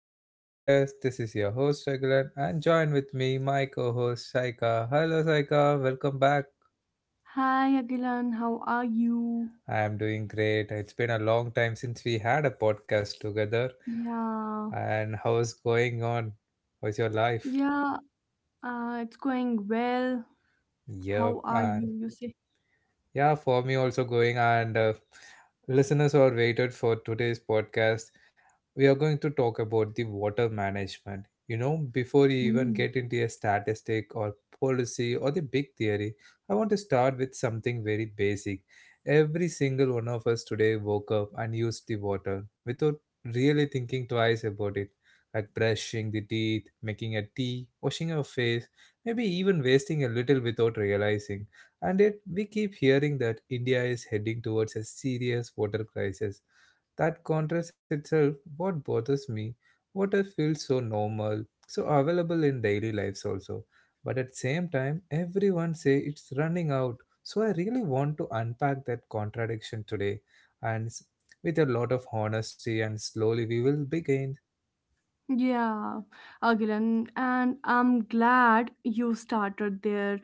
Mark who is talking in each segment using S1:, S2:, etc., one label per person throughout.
S1: of my podcast. This is your host Raglan and join with me my co-host Saika. Hello Saika, welcome back.
S2: Hi Agilan, how are you?
S1: I am doing great. It's been a long time since we had a podcast together.
S2: Yeah,
S1: And how's going on? How's your life?
S2: yeah, it's going well.
S1: Yep.
S2: How are you?
S1: And. Yeah, for me also going and listeners who are waited for today's podcast, we are going to talk about the water management. You know, before you even
S2: Hmm.
S1: get into a statistic or policy or the big theory, I want to start with something very basic. Every single one of us today woke up and used the water without really thinking twice about it, like brushing the teeth, making a tea, washing our face, maybe even wasting a little without realizing. And yet, we keep hearing that India is heading towards a serious water crisis. That contrast itself, what bothers me, water feels so normal, so available in daily lives also. But at the same time, everyone say it's running out. So I really want to unpack that contradiction today, and s- with a lot of honesty, and slowly we will begin.
S2: Yeah, Again, and I'm glad you started there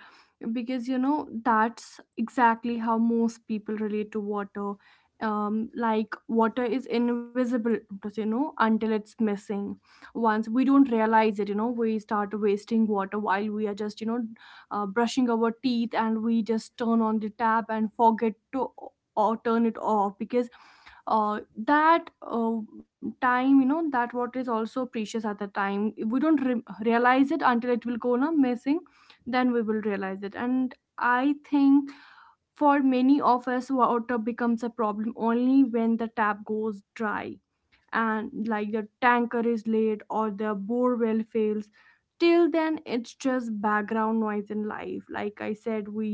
S2: because you know that's exactly how most people relate to water. Like water is invisible to us, you know, until it's missing. Once we don't realize it, you know, we start wasting water while we are just brushing our teeth, and we just turn on the tap and forget to or turn it off because that time, you know, that what is also precious at the time we don't realize it until it will go na missing. Then we will realize it. And I think for many of us water becomes a problem only when the tap goes dry, and like the tanker is late or the borewell fails. Till then it's just background noise in life. Like I said, we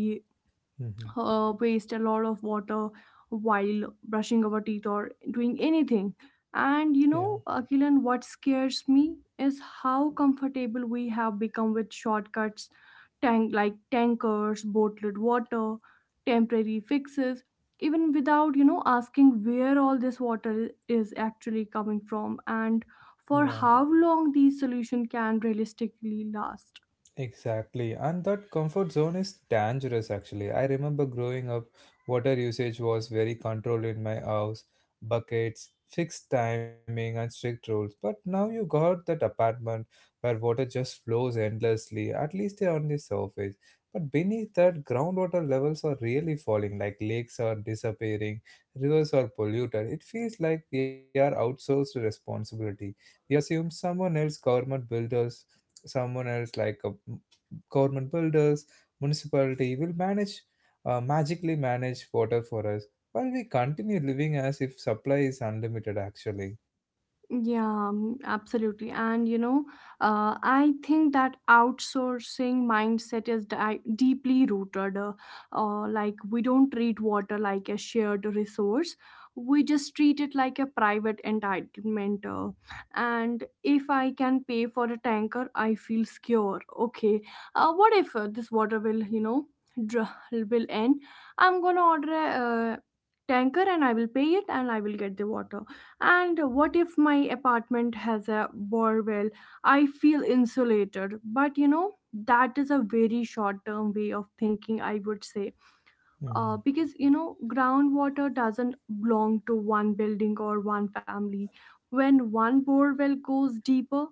S1: Mhm.
S2: waste a lot of water while brushing our teeth or doing anything. And you
S1: Yeah,
S2: know, Akilan, what scares me is how comfortable we have become with shortcuts, tankers, bottled water, temporary fixes, even without, you know, asking where all this water is actually coming from and
S1: yeah.
S2: for how long these solutions can realistically last.
S1: Exactly, and that comfort zone is dangerous actually. I remember growing up, water usage was very controlled in my house, buckets, fixed timing, and strict rules. But now you got that apartment where water just flows endlessly, at least on the surface. But beneath that, groundwater levels are really falling, like lakes are disappearing, rivers are polluted. It feels like we are outsourced responsibility. We assume someone else, government builders, someone else like a government builders municipality will manage magically manage water for us while we continue living as if supply is unlimited actually.
S2: Yeah, mm, absolutely. And you know, I think that outsourcing mindset is deeply rooted. Like, we don't treat water like a shared resource, we just treat it like a private entitlement. And if I can pay for a tanker, I feel secure. Okay, what if this water will, you know, dr- will end? I'm gonna order a tanker and I will pay it and I will get the water. And what if my apartment has a borewell? I feel insulated. But you know, that is a very short term way of thinking, I would say.
S1: Mhm.
S2: Because you know, groundwater doesn't belong to one building or one family. When one borewell goes deeper,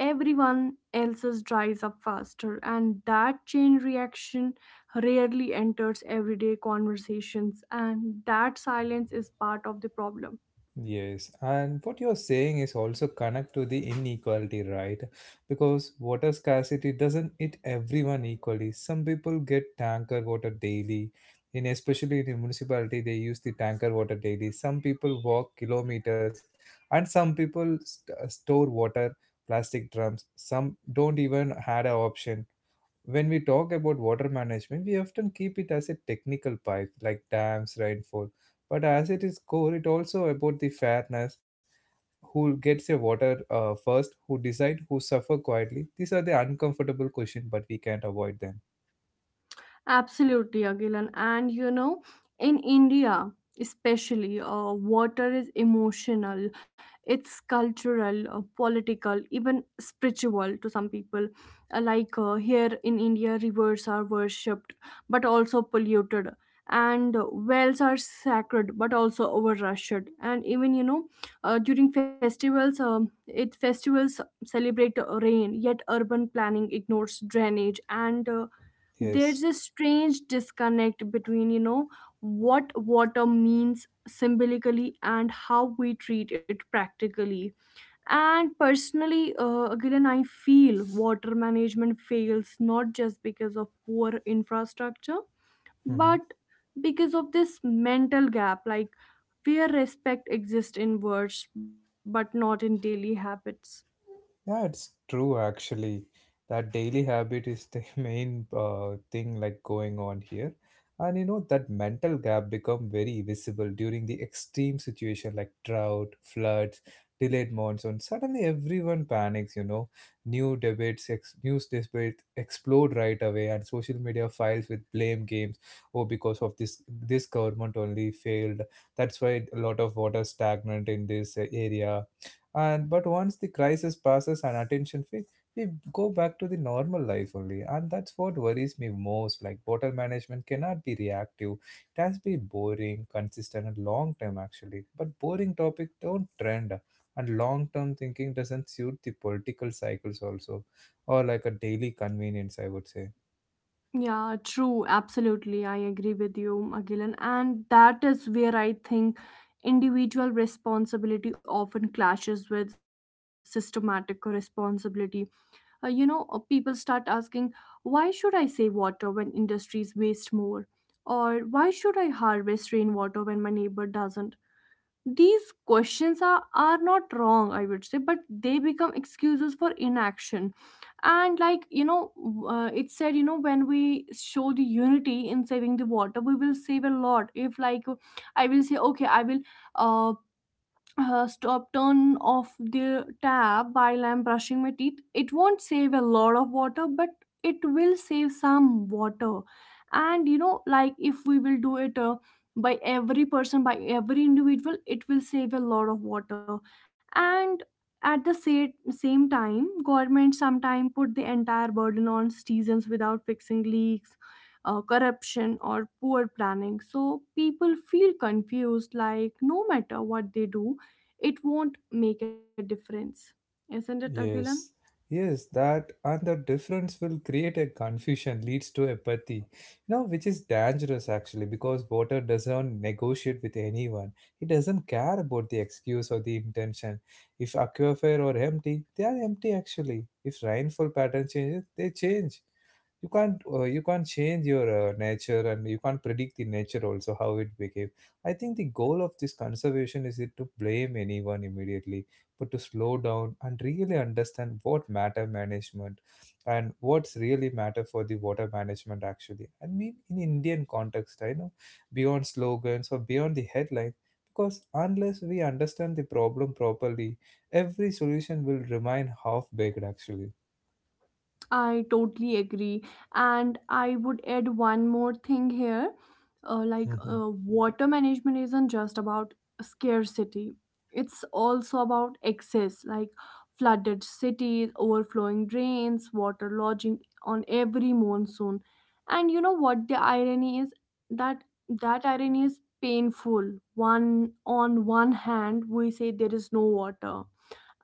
S2: everyone else's dries up faster, and that chain reaction rarely enters everyday conversations. And that silence is part of the problem.
S1: Yes, and what you're saying is also connect to the inequality, right? Because water scarcity doesn't hit everyone equally. Some people get tanker water daily. In especially in the municipality, they use the tanker water daily. Some people walk kilometers, and store water, plastic drums. Some don't even had a option. When we talk about water management, we often keep it as a technical pipe like dams, rainfall. But as it is core, it also about the fairness. Who gets your water first? Who decide? Who suffer quietly? These are the uncomfortable questions, but we can't avoid them.
S2: Absolutely, Agilan. And you know, in India especially, water is emotional, it's cultural, political, even spiritual to some people. Here in India, rivers are worshipped but also polluted, and wells are sacred but also overrushed. And even, you know, during festivals, it festivals celebrate rain, yet urban planning ignores drainage. And there's a
S1: Yes.
S2: strange disconnect between, you know, what water means symbolically and how we treat it practically and personally. Gillian, I feel water management fails not just because of poor infrastructure,
S1: Mm-hmm.
S2: but because of this mental gap, like where respect exists in words but not in daily habits.
S1: Yeah, it's true actually. That daily habit is the main thing like going on here. And you know that mental gap become very visible during the extreme situation like drought, floods, delayed monsoon. Suddenly everyone panics, you know. News debates explode right away and social media files with blame games. Oh, because of this government only failed. That's why a lot of water stagnant in this area and but once the crisis passes and attention fades, we go back to the normal life only. And that's what worries me most, like water management cannot be reactive, it has to be boring, consistent and long term actually. But boring topic don't trend and long term thinking doesn't suit the political cycles also, or like a daily convenience, I would say.
S2: Yeah, true. Absolutely. I agree with you, Agilan. And that is where I think individual responsibility often clashes with systematic responsibility. People start asking, why should I save water when industries waste more? Or why should I harvest rainwater when my neighbor doesn't? These questions are not wrong, I would say, but they become excuses for inaction. And like, you know, it said, you know, when we show the unity in saving the water, we will save a lot. If like I will say, okay, I will. Uh, Stop turn off the tap while I'm brushing my teeth. It won't save a lot of water, but it will save some water. And you know, like if we will do it by every person, by every individual, it will save a lot of water. And at the same time, government sometimes put the entire burden on citizens without fixing leaks. Corruption or poor planning, so people feel confused, like no matter what they do it won't make a difference. Isn't it, Agilan?
S1: Yes, yes, that and the difference will create a confusion, leads to apathy, you know, which is dangerous actually because water doesn't negotiate with anyone. It doesn't care about the excuse or the intention. If aquifer are empty, they are empty actually. If rainfall pattern changes, they change. You can't change your nature and you can't predict the nature also how it behave. I think the goal of this conservation is it to blame anyone immediately but to slow down and really understand what matter management and what's really matter for the water management actually. I mean, in Indian context, I know beyond slogans or beyond the headline, because unless we understand the problem properly, every solution will remain half baked actually.
S2: I totally agree. And I would add one more thing here.
S1: Hmm.
S2: Water management isn't just about scarcity, it's also about excess, like flooded cities, overflowing drains, water lodging on every monsoon. And you know what the irony is? That that irony is painful. One on one hand, we say there is no water,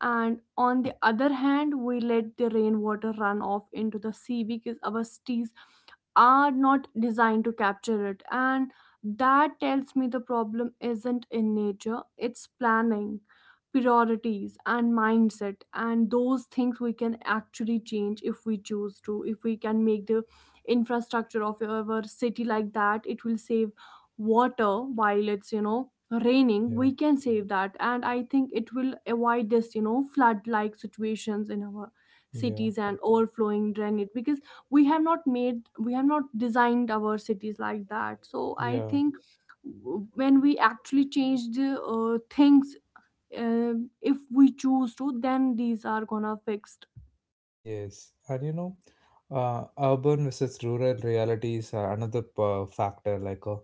S2: and on the other hand we let the rainwater run off into the sea because our cities are not designed to capture it. And that tells me the problem isn't in nature, it's planning, priorities and mindset, and those things we can actually change if we choose to. If we can make the infrastructure of our city like that, it will save water while it's, you know, raining.
S1: Yeah,
S2: We can save that, and I think it will avoid this, you know, flood like situations in our
S1: yeah,
S2: cities and overflowing drainage, because we have not designed our cities like that. So I
S1: yeah.
S2: think when we actually change the things, uh, if we choose to, then these are gonna fixed.
S1: Yes, and you know, urban versus rural reality is another factor. Like,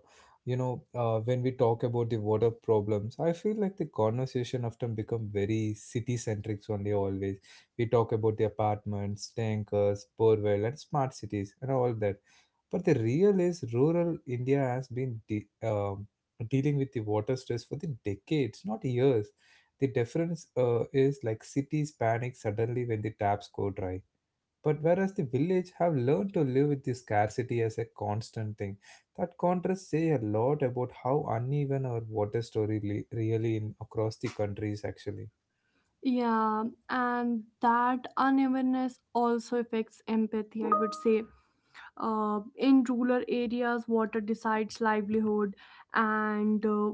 S1: you know, when we talk about the water problems, I feel like the conversation often become very city centric only. Always, we talk about the apartments, tankers, borewell, and smart cities, and all that. But the real is rural India has been dealing with the water stress for the decades, not years. The difference is like cities panic suddenly when the taps go dry, but whereas the village have learned to live with the scarcity as a constant thing. That contrast say a lot about how uneven our water really in across the countries actually.
S2: Yeah, and that unevenness also affects empathy, I would say. In rural areas water decides livelihood, and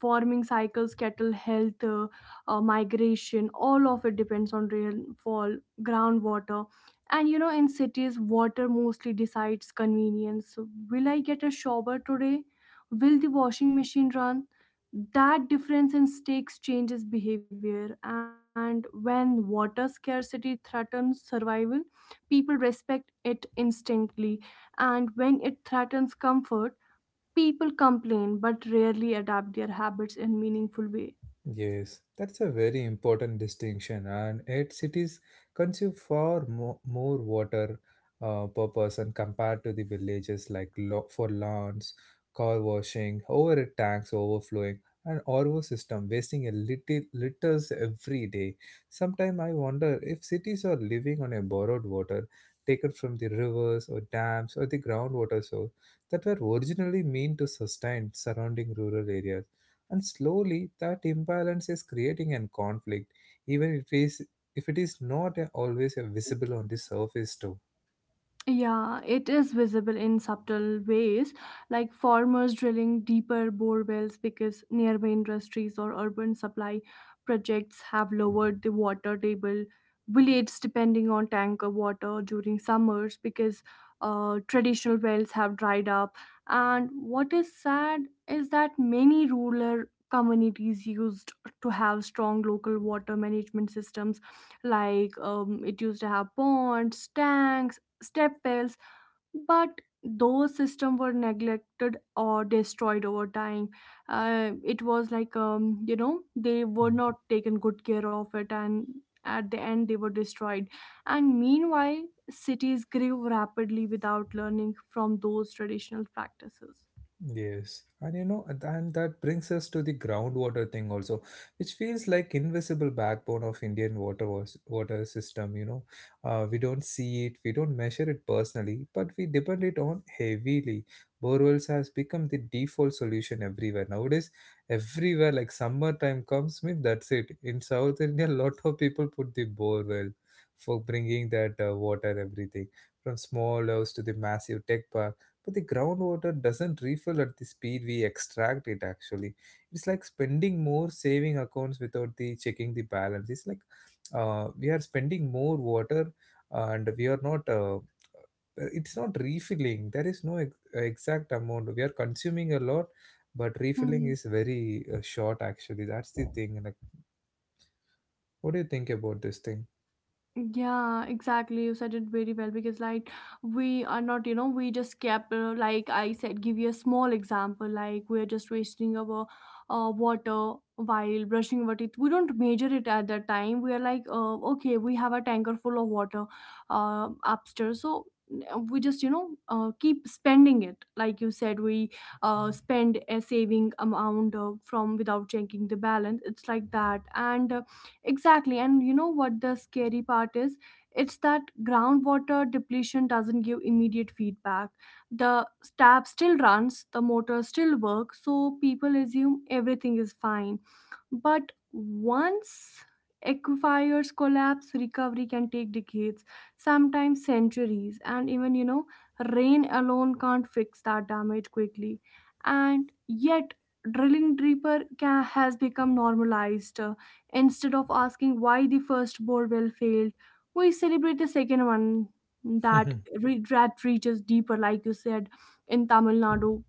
S2: farming cycles, cattle health, migration, all of it depends on rainfall, groundwater. And you know, in cities water mostly decides convenience. Will I get a shower today? Will the washing machine run? That difference in stakes changes behavior. And when water scarcity threatens survival, people respect it instantly. And when it threatens comfort, people complain but rarely adapt their habits in meaningful way.
S1: Yes, that's a very important distinction, and yet cities consume far more water per person compared to the villages, like for lawns, car washing, overhead tanks overflowing, and RO system wasting a little liters every day. Sometimes I wonder if cities are living on a borrowed water taken from the rivers or dams or the groundwater source that were originally meant to sustain surrounding rural areas, and slowly that imbalance is creating a conflict, even if it is not always visible on the surface too.
S2: Yeah, it is visible in subtle ways, like farmers drilling deeper bore wells because nearby industries or urban supply projects have lowered the water table. Villages depending on tanker water during summers because traditional wells have dried up. And what is sad is that many rural communities used to have strong local water management systems, like it used to have ponds, tanks, step wells, but those systems were neglected or destroyed over time. It was like, you know, they were
S1: Hmm.
S2: not taken good care of it, and at the end they were destroyed. And meanwhile, cities grew rapidly without learning from those traditional practices.
S1: Yes, and you know, and that brings us to the groundwater thing also, which feels like invisible backbone of Indian water system. You know, we don't see it, we don't measure it personally, but we depend it on heavily. Borewells has become the default solution everywhere nowadays. Everywhere, like summertime comes, mean that's it. In South India, a lot of people put the borewell for bringing that water, everything from small house to the massive tech park, but the groundwater doesn't refill at the speed we extract it actually. It's like spending more saving accounts without the checking the balance. It's like we are spending more water, and we are not it's not refilling. There is no exact amount, we are consuming a lot but refilling
S2: Hmm.
S1: is very short actually. That's the thing, like what do you think about this thing?
S2: Yeah, exactly. You said it very well because, like, we are not, you know, we just kept, like I said, give you a small example. Like, we're just wasting our water while brushing our teeth. We don't measure it at that time. We are like, okay, we have a tanker full of water upstairs. So, we just, you know, keep spending it. Like you said, we spend a saving amount from without checking the balance. It's like that. And, exactly. And you know what the scary part is? It's that groundwater depletion doesn't give immediate feedback. The tap still runs, the motor still works, so people assume everything is fine. But once aquifers collapse, recovery can take decades, sometimes centuries, and even, you know, rain alone can't fix that damage quickly. And yet, drilling deeper ca has become normalized. Instead of asking why the first borewell failed, we celebrate the second one that that reaches deeper. Like you said, in Tamil Nadu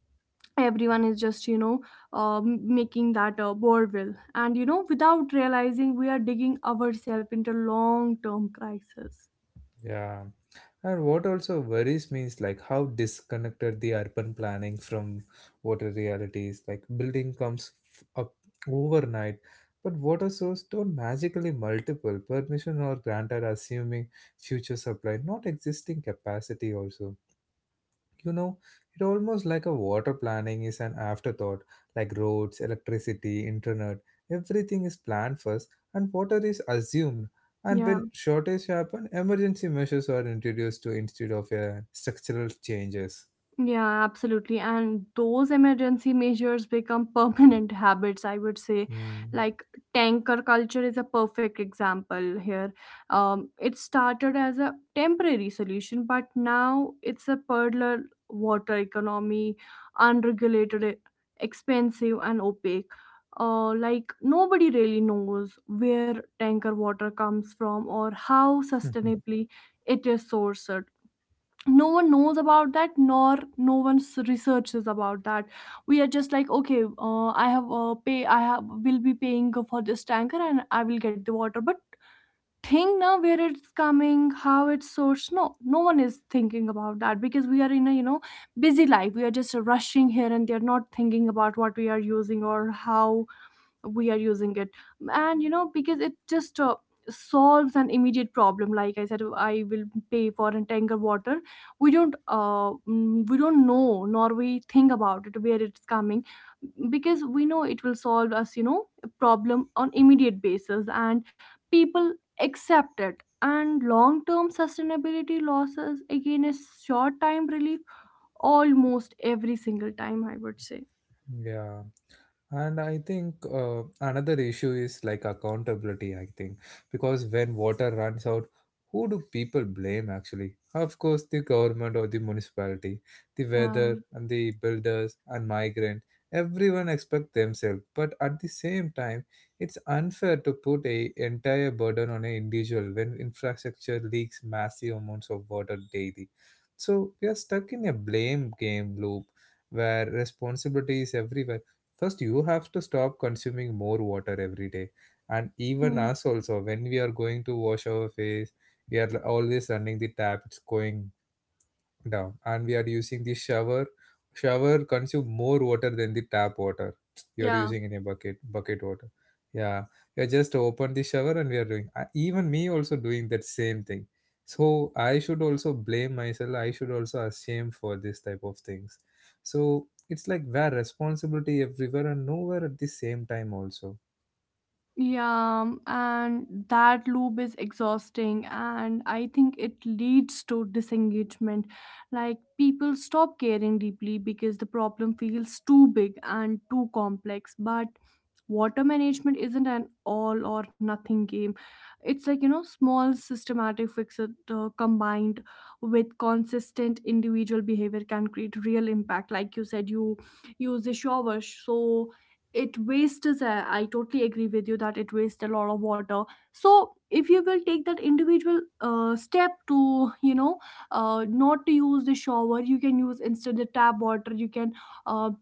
S2: everyone is just, you know, making that borewell, and you know, without realizing we are digging ourselves into long term crisis.
S1: Yeah. And what also worries me is like how disconnected the urban planning from water reality is. Like building comes up overnight, but water source don't magically multiple permission or granted, assuming future supply, not existing capacity also. You know, it almost like a water planning is an afterthought, like roads, electricity, internet, everything is planned first and water is assumed. And
S2: Yeah,
S1: when shortage happen, emergency measures are introduced to instead of structural changes.
S2: Yeah, absolutely. And those emergency measures become permanent habits, I would say.
S1: Hmm.
S2: Like tanker culture is a perfect example here. It started as a temporary solution, but now it's a peddler water economy, unregulated, expensive, and opaque. Like nobody really knows where tanker water comes from or how sustainably it is sourced. No one knows about that, nor no one s- researches about that. We are just like, okay, I have pay I have will be paying for this tanker and I will get the water, but think now where it's coming, how it's sourced. No one is thinking about that because we are in a, you know, busy life. We are just rushing here and they're not thinking about what we are using or how we are using it. And you know, because it just solves an immediate problem. Like I said, I will pay for a tanker water. We don't we don't know, nor we think about it where it's coming, because we know it will solve us, you know, a problem on immediate basis. And people accept it, and long term sustainability losses again is short time relief almost every single time, I would say.
S1: Yeah. And I think another issue is like accountability, I think, because when water runs out, who do people blame actually? Of course, the government or the municipality, the
S2: Yeah.
S1: weather and the builders and migrant. Everyone expect themselves, but at the same time, it's unfair to put a entire burden on an individual when infrastructure leaks massive amounts of water daily. So we are stuck in a blame game loop where responsibility is everywhere. First, you have to stop consuming more water every day. And even
S2: Hmm.
S1: us also, when we are going to wash our face, we are always running the tap, it's going down and we are using the shower. Shower consume more water than the tap water you are
S2: Yeah.
S1: using in a bucket water. Yeah, we are just open the shower and we are doing, even me also doing that same thing. So I should also blame myself, I should also ashamed for this type of things. So it's like where responsibility everywhere and nowhere at the same time also.
S2: Yeah, and that loop is exhausting, and I think it leads to disengagement. Like, people stop caring deeply because the problem feels too big and too complex. But water management isn't an all or nothing game, it's like, you know, small systematic fixes combined with consistent individual behavior can create real impact. Like you said, you use a shower, so it wastes I totally agree with you that it wastes a lot of water. So if you will take that individual step to not to use the shower, you can use instead the tap water. You can uh,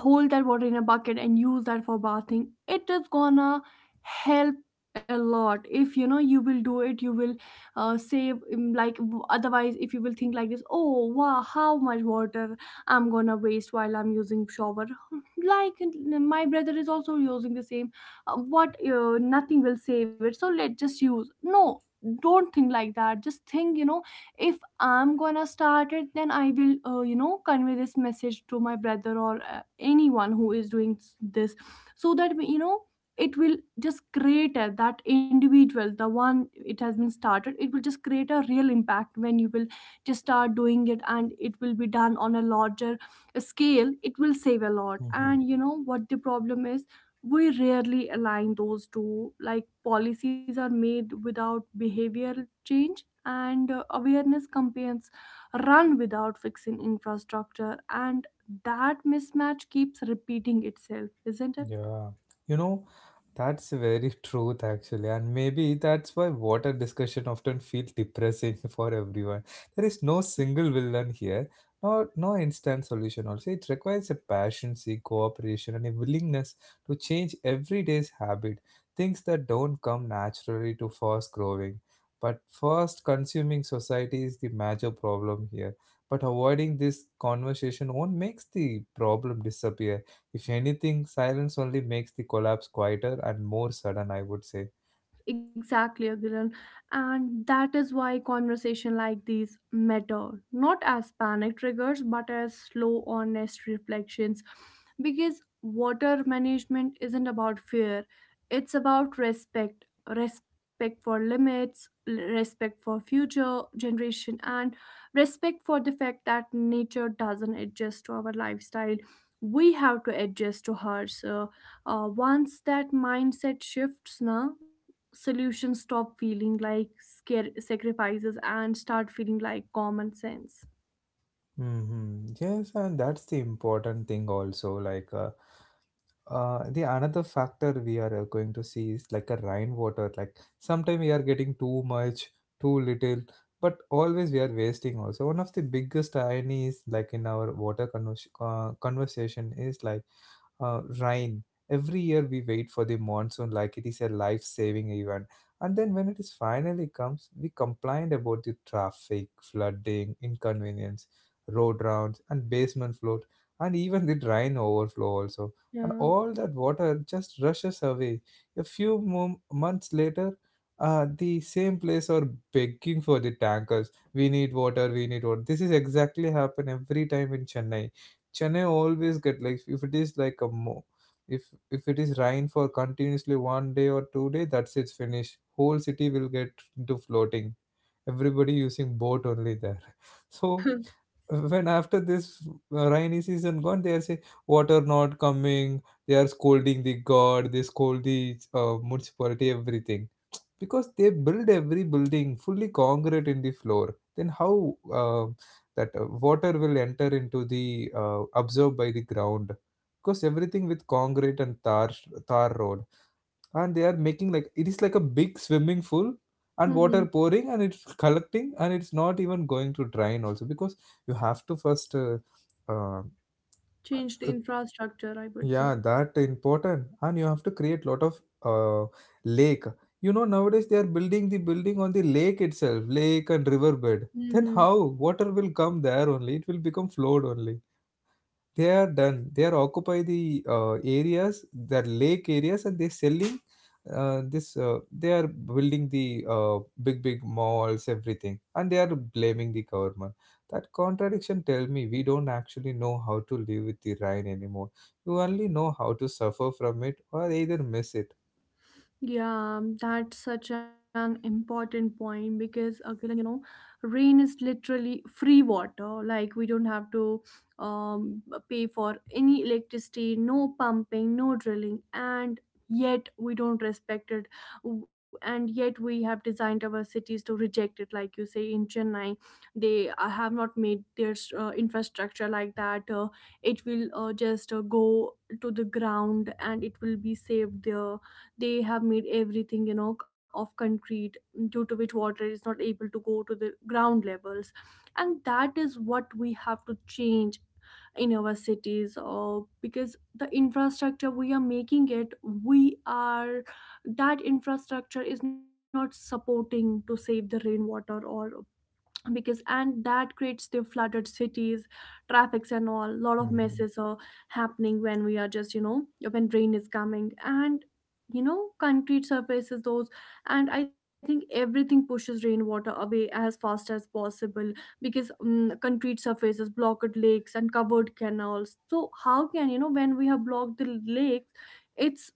S2: hold that water in a bucket and use that for bathing. It is gonna help a lot. If you know, you will do it. You will save like otherwise if you will think like this, oh wow, how much water I'm gonna waste while I'm using shower. Like my brother is also using the same, what, nothing will save it, so let just use. No, don't think like that. Just think, you know, if I'm gonna start it, then I will, you know, convey this message to my brother or anyone who is doing this, so that you know, it will just create a, that individual, the one it has been started, it will just create a real impact when you will just start doing it, and it will be done on a larger scale. It will save a lot. And you know what the problem is? We rarely align those two. Like policies are made without behavioral change, and awareness campaigns run without fixing infrastructure, and that mismatch keeps repeating itself, isn't it?
S1: Yeah, you know, that's very truth actually, and maybe that's why water discussion often feel depressing for everyone. There is no single villain here, nor no instant solution also. It requires a passion, cooperation, and a willingness to change everyday's habit, things that don't come naturally to fast growing. But fast consuming society is the major problem here. But avoiding this conversation won't makes the problem disappear. If anything, silence only makes the collapse quieter and more sudden, I would say.
S2: Exactly, Agilan. And that is why conversation like these matter, not as panic triggers, but as slow, honest reflections. Because water management isn't about fear, it's about respect. Respect for limits, respect for future generation, and respect for the fact that nature doesn't adjust to our lifestyle. We have to adjust to hers. So, once that mindset shifts, now solutions stop feeling like scare sacrifices and start feeling like common sense.
S1: Hmm. Yes, and that's the important thing also. Like, the another factor we are going to see is like a rainwater. Like, sometimes we are getting too much, too little, but always we are wasting also. One of the biggest ironies, like in our conversation, is like rain. Every year we wait for the monsoon like it is a life saving event. And then when it is finally comes, we complain about the traffic, flooding, inconvenience, road rounds and basement floors, and even the drain overflow also, and
S2: Yeah.
S1: all that water just rushes away. A few months later the same place are begging for the tankers. We need water, we need water. This is exactly happen every time in Chennai. Chennai always get like if it is like a mo- if- if it is rain for continuously one day or two day, that's it's finished, whole city will get into floating, everybody using boat only there. So when after this rainy season gone, they are saying water not coming. They are scolding the god, they scold the municipality, everything. Because they build every building fully concrete in the floor, then how uh, that water will enter into the, absorbed by the ground, because everything with concrete and tar, tar road, and they are making like it is like a big swimming pool, and water
S2: Mhm.
S1: pouring and it's collecting and it's not even going to drain also. Because you have to first uh,
S2: Change the
S1: uh,
S2: infrastructure, I would say.
S1: yeah, that important. And you have to create lot of uh, lake. You know, nowadays they are building the building on the lake itself, lake and riverbed. Then how water will come there? Only it will become flowed only. They are done, they are occupy the uh, areas, the lake areas, and they're selling this, they are building the uh, big big malls, everything, and they are blaming the government. That contradiction, tell me. We don't actually know how to live with the rain anymore. You only know how to suffer from it or either miss it.
S2: Yeah, that's such an important point, because Akilan, you know, rain is literally free water. Like we don't have to um, pay for any electricity, no pumping, no drilling, and yet we don't respect it. And yet we have designed our cities to reject it. Like you say in Chennai, they have not made their infrastructure like that. It will just go to the ground and it will be saved there. They have made everything, you know, of concrete, due to which water is not able to go to the ground levels. And that is what we have to change in our cities, because the infrastructure we are making it, we are that infrastructure is not supporting to save the rainwater. Or because, and that creates the flooded cities, traffics and all, lot of
S1: Hmm,
S2: messes are happening when we are just, you know, when rain is coming. And you know, concrete surfaces those, and I think everything pushes rainwater away as fast as possible, because concrete surfaces blocked lakes and covered canals. So how can, you know, when we have blocked the lakes, it's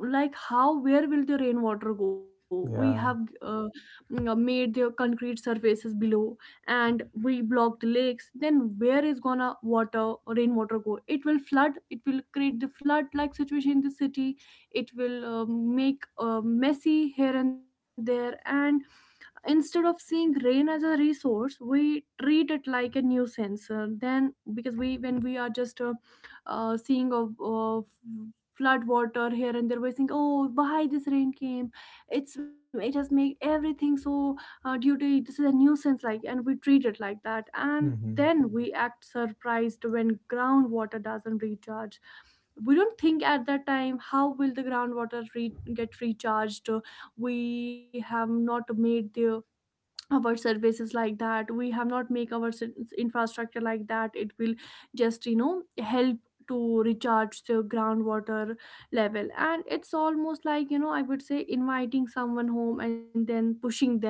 S2: like how, where will the rainwater go? We have
S1: yeah,
S2: made the concrete surfaces below, and we blocked lakes, then where is gonna water, rainwater go? It will flood, it will create the flood like situation in the city. It will make messy here and there. And instead of seeing rain as a resource, we treat it like a nuisance. Then, because we, when we are just seeing of flood water here and there, we think, oh, why this rain came? It's, it has made everything so due to, this is a nuisance like, and we treat it like that, and
S1: hmm.
S2: then we act surprised when groundwater doesn't recharge. We don't think at that time how will the groundwater get recharged. We have not made the our services like that. We have not make our infrastructure like that it will just, you know, help to recharge the groundwater level. And it's almost like, you know, I would say, inviting someone home and then pushing them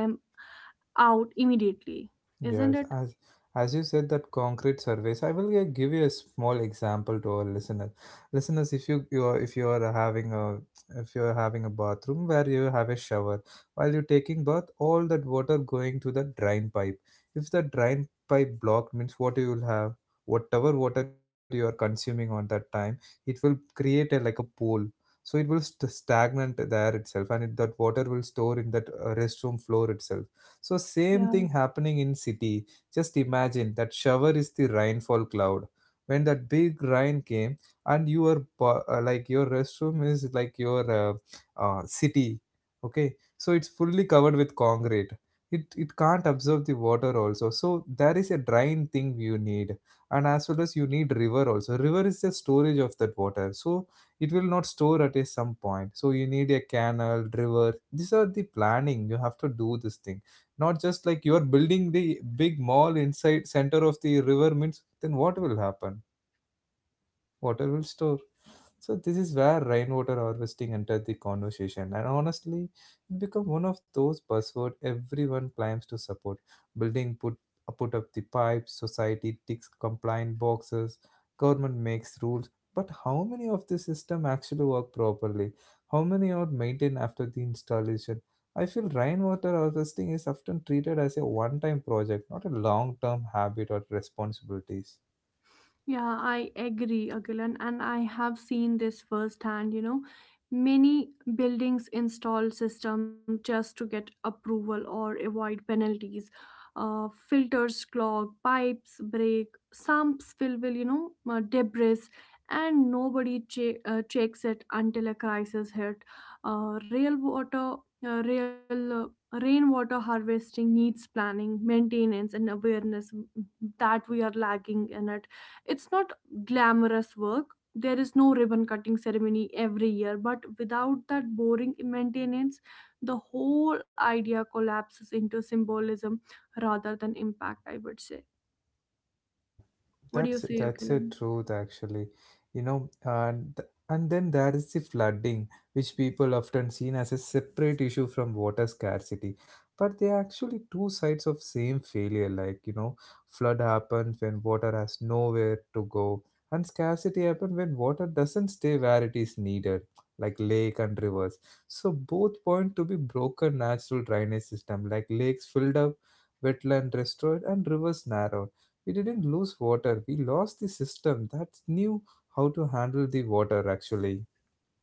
S2: out immediately, isn't
S1: Yes,
S2: it?
S1: as you said that concrete surveys, I will give you a small example to our listeners. Listeners, if you are, if you are having a, if you are having a bathroom where you have a shower, while you're taking bath, all that water going to the drain pipe. If the drain pipe blocked, means what you will have, whatever water you are consuming on that time, it will create a like a pool. So it will stagnant there itself, and it, that water will store in that restroom floor itself. So same thing
S2: Yeah.
S1: happening in city. Just imagine that shower is the rainfall cloud. When that big rain came and your like your restroom is like your city, okay? So it's fully covered with concrete. It can't absorb the water also. So there is a drain thing you need, and as well as you need river also. River is the storage of that water. So it will not store at a some point, so you need a canal, river. These are the planning you have to do, this thing. Not just like you are building the big mall inside center of the river means, then what will happen? Water will store. So this is where rainwater harvesting entered the conversation, and honestly, it became one of those buzzwords everyone claims to support. Building put put up the pipes, society ticks compliant boxes, government makes rules, but how many of the system actually work properly? How many are maintained after the installation? I feel rainwater harvesting is often treated as a one-time project, not a long-term habit or responsibilities.
S2: Yeah, I agree, Agilan, and I have seen this firsthand. You know, many buildings install systems just to get approval or avoid penalties. Filters clog, pipes break, sumps fill with debris, and nobody checks it until a crisis hit. Real water, real rainwater harvesting needs planning, maintenance, and awareness, that we are lagging in it. It's not glamorous work. There is no ribbon cutting ceremony every year, but without that boring maintenance, the whole idea collapses into symbolism rather than impact, I would say. What do
S1: That's
S2: you say,
S1: that's a
S2: Akhilan?
S1: truth actually, you know, and and then there is the flooding, which people often seen as a separate issue from water scarcity, but they are actually two sides of same failure. Like, you know, flood happens when water has nowhere to go, and scarcity happens when water doesn't stay where it is needed, like lake and rivers. So both point to be broken natural drainage system, like lakes filled up, wetland destroyed, and rivers narrowed. We didn't lose water, we lost the system that knew how to handle the water actually.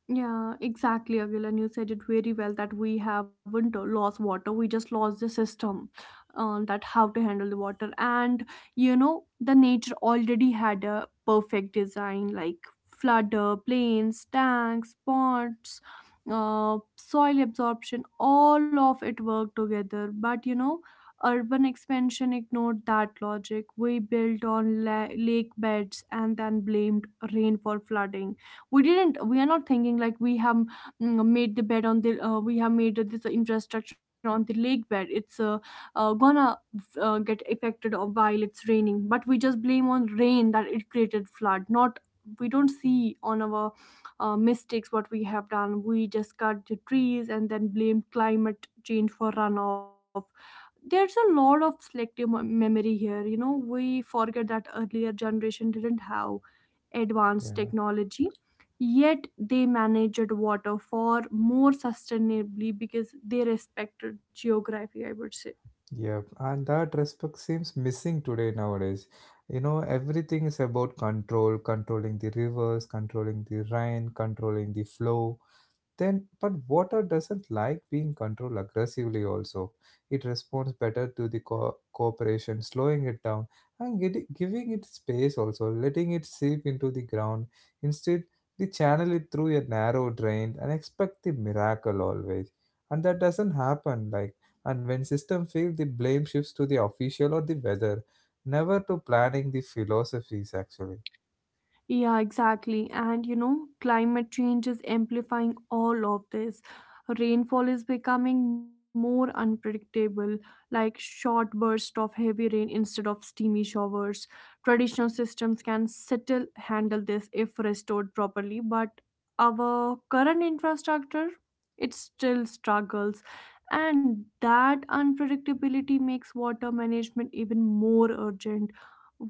S2: Yeah, exactly, Agilan. You said it very well that we haven't lost water. We just lost the system on that how to handle the water. And you know, the nature already had a perfect design, like flood, plains, tanks, ponds, soil absorption. All of it worked together. But you know, urban expansion ignored that logic. We built on lake beds and then blamed rain for flooding. We didn't, we are not thinking like we have made the bed on the, we have made this infrastructure on the lake bed. It's gonna get affected while it's raining, but we just blame on rain that it created flood. Not, we don't see on our mistakes what we have done. We just cut the trees and then blame climate change for runoff. There's a lot of selective memory here. You know, we forget that earlier generation didn't have advanced
S1: Yeah,
S2: technology, yet they managed water far more sustainably because they respected geography, I would say.
S1: yeah, and that respect seems missing today nowadays. You know, everything is about control, controlling the rivers, controlling the rain, controlling the flow. Then, but water doesn't like being controlled aggressively, also. It responds better to the cooperation, slowing it down and giving it space, also, letting it seep into the ground. Instead, we channel it through a narrow drain and expect the miracle always. And that doesn't happen. Like, and when system fail, the blame shifts to the official or the weather, never to planning the philosophies, actually.
S2: Yeah, exactly. And you know, climate change is amplifying all of this. Rainfall is becoming more unpredictable, like short bursts of heavy rain instead of steamy showers. Traditional systems can still handle this if restored properly, but our current infrastructure, it still struggles. And that unpredictability makes water management even more urgent.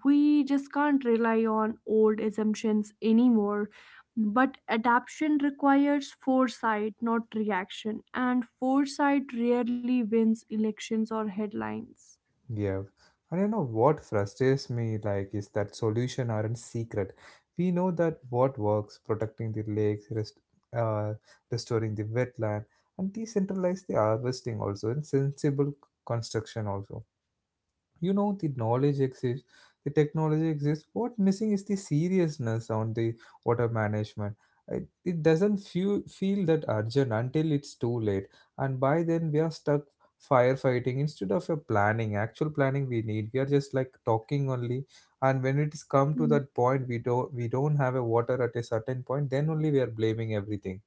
S2: We just can't rely on old assumptions anymore. But adaptation requires foresight, not reaction, and foresight rarely wins elections or headlines.
S1: Yeah. And you know what frustrates me like is that solution aren't secret. We know that what works, protecting the lakes, uh, restoring the wetland, and decentralize the harvesting also, and sensible construction also. You know, the knowledge exists, the technology exists. What missing is the seriousness on the water management. It doesn't feel that urgent until it's too late, and by then we are stuck firefighting instead of a planning, actual planning we need. We are just like talking only, and when it is come to that point, we don't have a water at a certain point, then only we are blaming everything.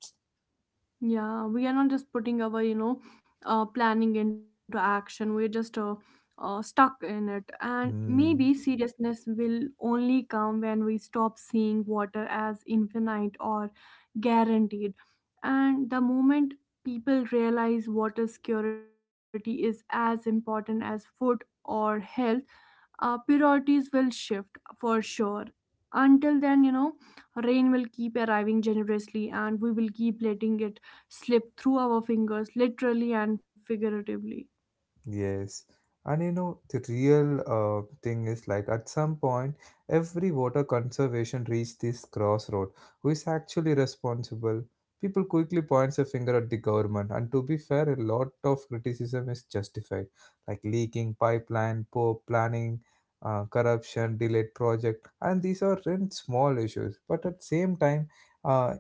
S2: Yeah, we are not just putting our, you know, planning into action. We're just stuck in it. And maybe
S1: Hmm.
S2: seriousness will only come when we stop seeing water as infinite or guaranteed. And the moment people realize water security is as important as food or health, priorities will shift for sure. Until then, you know, rain will keep arriving generously and we will keep letting it slip through our fingers, literally and figuratively.
S1: Yes, and you know the real thing is like at some point every water conservation reached this crossroad. Who is actually responsible? People quickly points a finger at the government, and to be fair, a lot of criticism is justified, like leaking pipeline, poor planning, corruption, delayed project, and these are in small issues. But at same time, uh,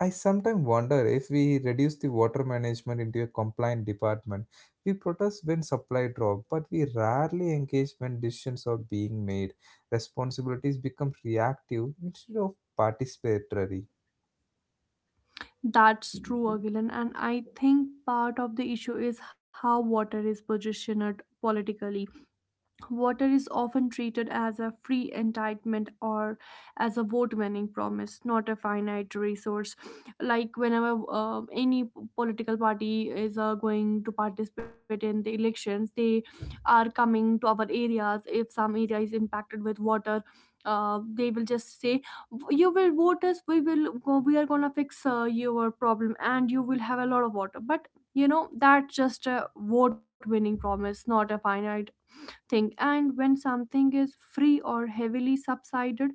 S1: I sometimes wonder if we reduce the water management into a compliant department. We protest when supply drop, but we rarely engage when decisions are being made. Responsibilities become reactive instead of participatory.
S2: That's true, Agilan. And I think part of the issue is how water is positioned politically. Water is often treated as a free entitlement or as a vote winning promise, not a finite resource. Like, whenever any political party is going to participate in the elections, they are coming to our areas. If some area is impacted with water, they will just say, you will vote us, we will, we are gonna fix your problem, and you will have a lot of water. But you know, that's just a vote winning promise, not a finite thing. And when something is free or heavily subsided,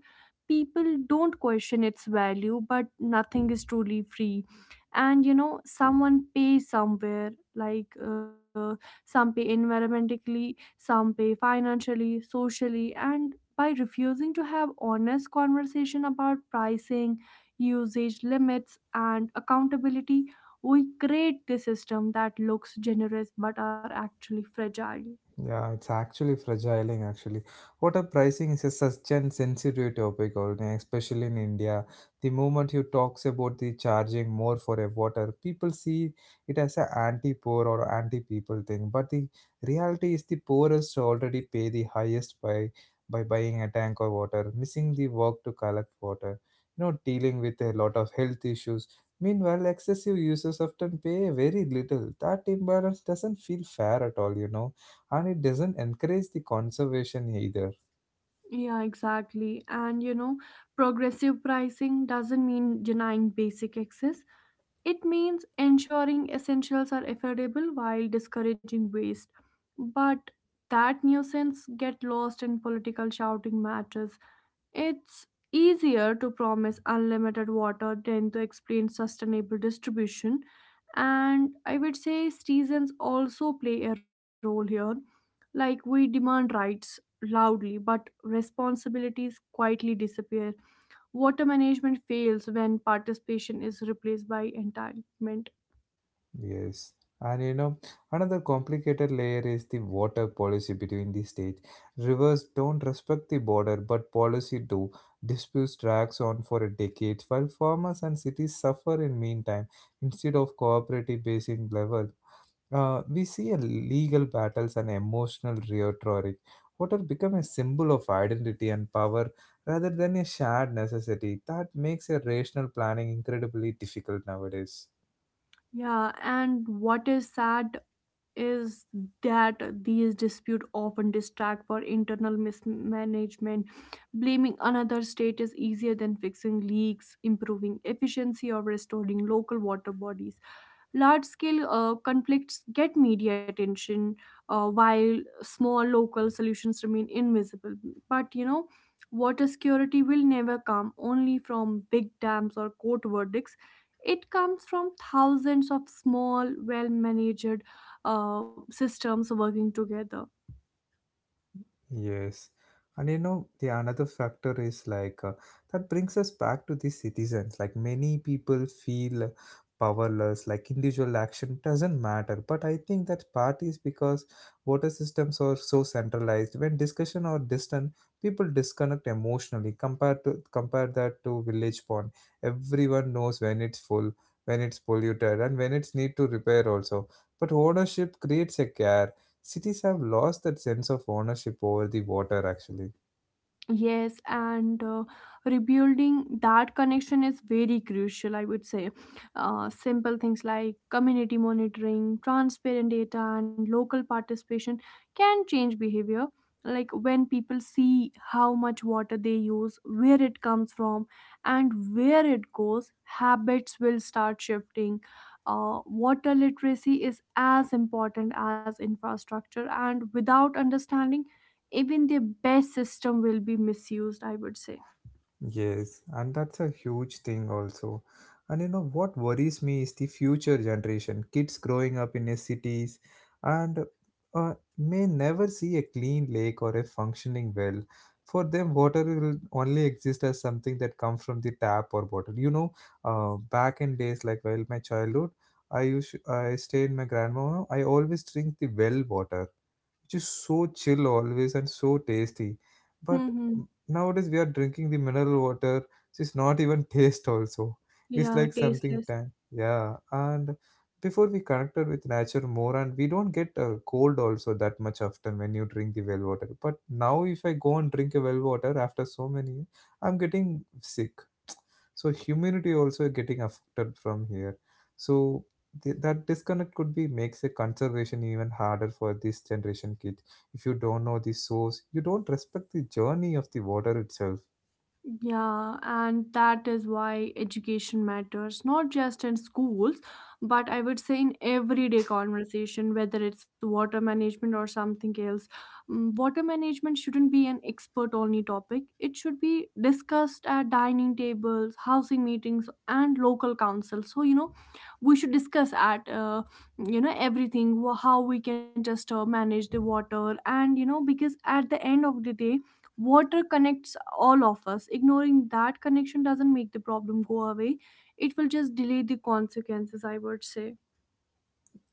S2: people don't question its value, but nothing is truly free. And you know, someone pays somewhere, like some pay environmentally, some pay financially, socially, and by refusing to have honest conversation about pricing, usage limits, and accountability, we create the system that looks generous but are actually fragile.
S1: Yeah, it's actually fragile, and actually. Water pricing is a such an sensitive topic, already, especially in India. The moment you talks about the charging more for a water, people see it as a anti-poor or anti-people thing. But the reality is the poorest already pay the highest by buying a tank of water, missing the work to collect water. You know, dealing with a lot of health issues. Meanwhile, excessive users often pay very little. That imbalance doesn't feel fair at all, you know, and it doesn't encourage the conservation either.
S2: Yeah, exactly. And you know, progressive pricing doesn't mean denying basic access. It means ensuring essentials are affordable while discouraging waste. But that nuisance get lost in political shouting matches. It's easier to promise unlimited water than to explain sustainable distribution. And I would say seasons also play a role here. Like we demand rights loudly, but responsibilities quietly disappear. Water management fails when participation is replaced by entitlement.
S1: Yes, and you know, another complicated layer is the water policy between the states. Rivers don't respect the border, but policy do. Disputes drags on for a decade while farmers and cities suffer in meantime. Instead of cooperative basing level, we see a legal battles and emotional rhetoric. Water become a symbol of identity and power rather than a shared necessity. That makes a rational planning incredibly difficult nowadays.
S2: Yeah, and what is sad is that these disputes often distract for internal mismanagement. Blaming another state is easier than fixing leaks, improving efficiency, or restoring local water bodies. Large scale conflicts get media attention, while small local solutions remain invisible. But you know, water security will never come only from big dams or court verdicts. It comes from thousands of small, well managed systems working together.
S1: Yes. And you know, the another factor is like that brings us back to the citizens. Like many people feel powerless, like individual action doesn't matter. But I think that part is because water systems are so centralized. When discussion are distant, people disconnect emotionally. Compare that to village pond. Everyone knows when it's full, when it's polluted, and when it's need to repair also. But ownership creates a care. Cities have lost that sense of ownership over the water, actually.
S2: Yes, and rebuilding that connection is very crucial, I would say. Simple things like community monitoring, transparent data, and local participation can change behavior. Like when people see how much water they use, where it comes from, and where it goes, habits will start shifting. Water literacy is as important as infrastructure, and without understanding, even their best system will be misused, I would say.
S1: Yes, and that's a huge thing, also. And you know what worries me is the future generation. Kids growing up in a cities and may never see a clean lake or a functioning well. For them, water will only exist as something that comes from the tap or bottle. You know, back in days like while my childhood, I stayed in my grandma. I always drink the well water which is so chill always and so tasty. But
S2: Mm-hmm.
S1: nowadays we are drinking the mineral water, which is not even taste also. It's
S2: Yeah,
S1: like something
S2: tasteless.
S1: tank. Yeah, and before we connected with nature more, and we don't get a cold also that much often when you drink the well water. But now, if I go and drink a well water after so many years, I'm getting sick. So humanity also getting affected from here. So that disconnect could be makes a conservation even harder for this generation kid. If you don't know the source, you don't respect the journey of the water itself.
S2: Yeah, and that is why education matters, not just in schools, but I would say in everyday conversation, whether it's water management or something else. Water management shouldn't be an expert only topic, it should be discussed at dining tables, housing meetings, and local councils. So, you know, we should discuss at, you know, everything how we can just manage the water, and you know, because at the end of the day, water connects all of us. Ignoring that connection doesn't make the problem go away, it will just delay the consequences, I would say.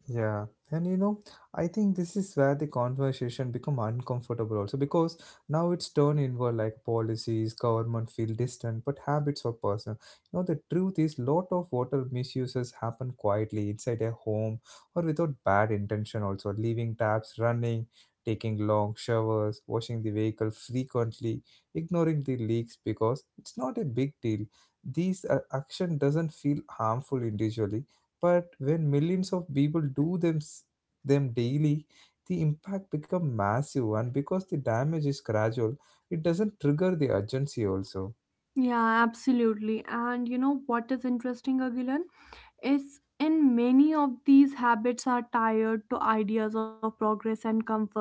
S1: Yeah, and you know, I think this is where the conversation become uncomfortable also, because now it's turned inward, like policies, government feel distant, but habits are personal. You know, the truth is lot of water misuses happen quietly inside a home or without bad intention also, leaving taps running, taking long showers, washing the vehicle frequently, ignoring the leaks because it's not a big deal. These action doesn't feel harmful individually, but when millions of people do them daily, the impact becomes massive, and because the damage is gradual, it doesn't trigger the urgency also.
S2: Yeah, absolutely. And you know what is interesting, Agilan? Is in many of these habits are tied to ideas of progress and comfort.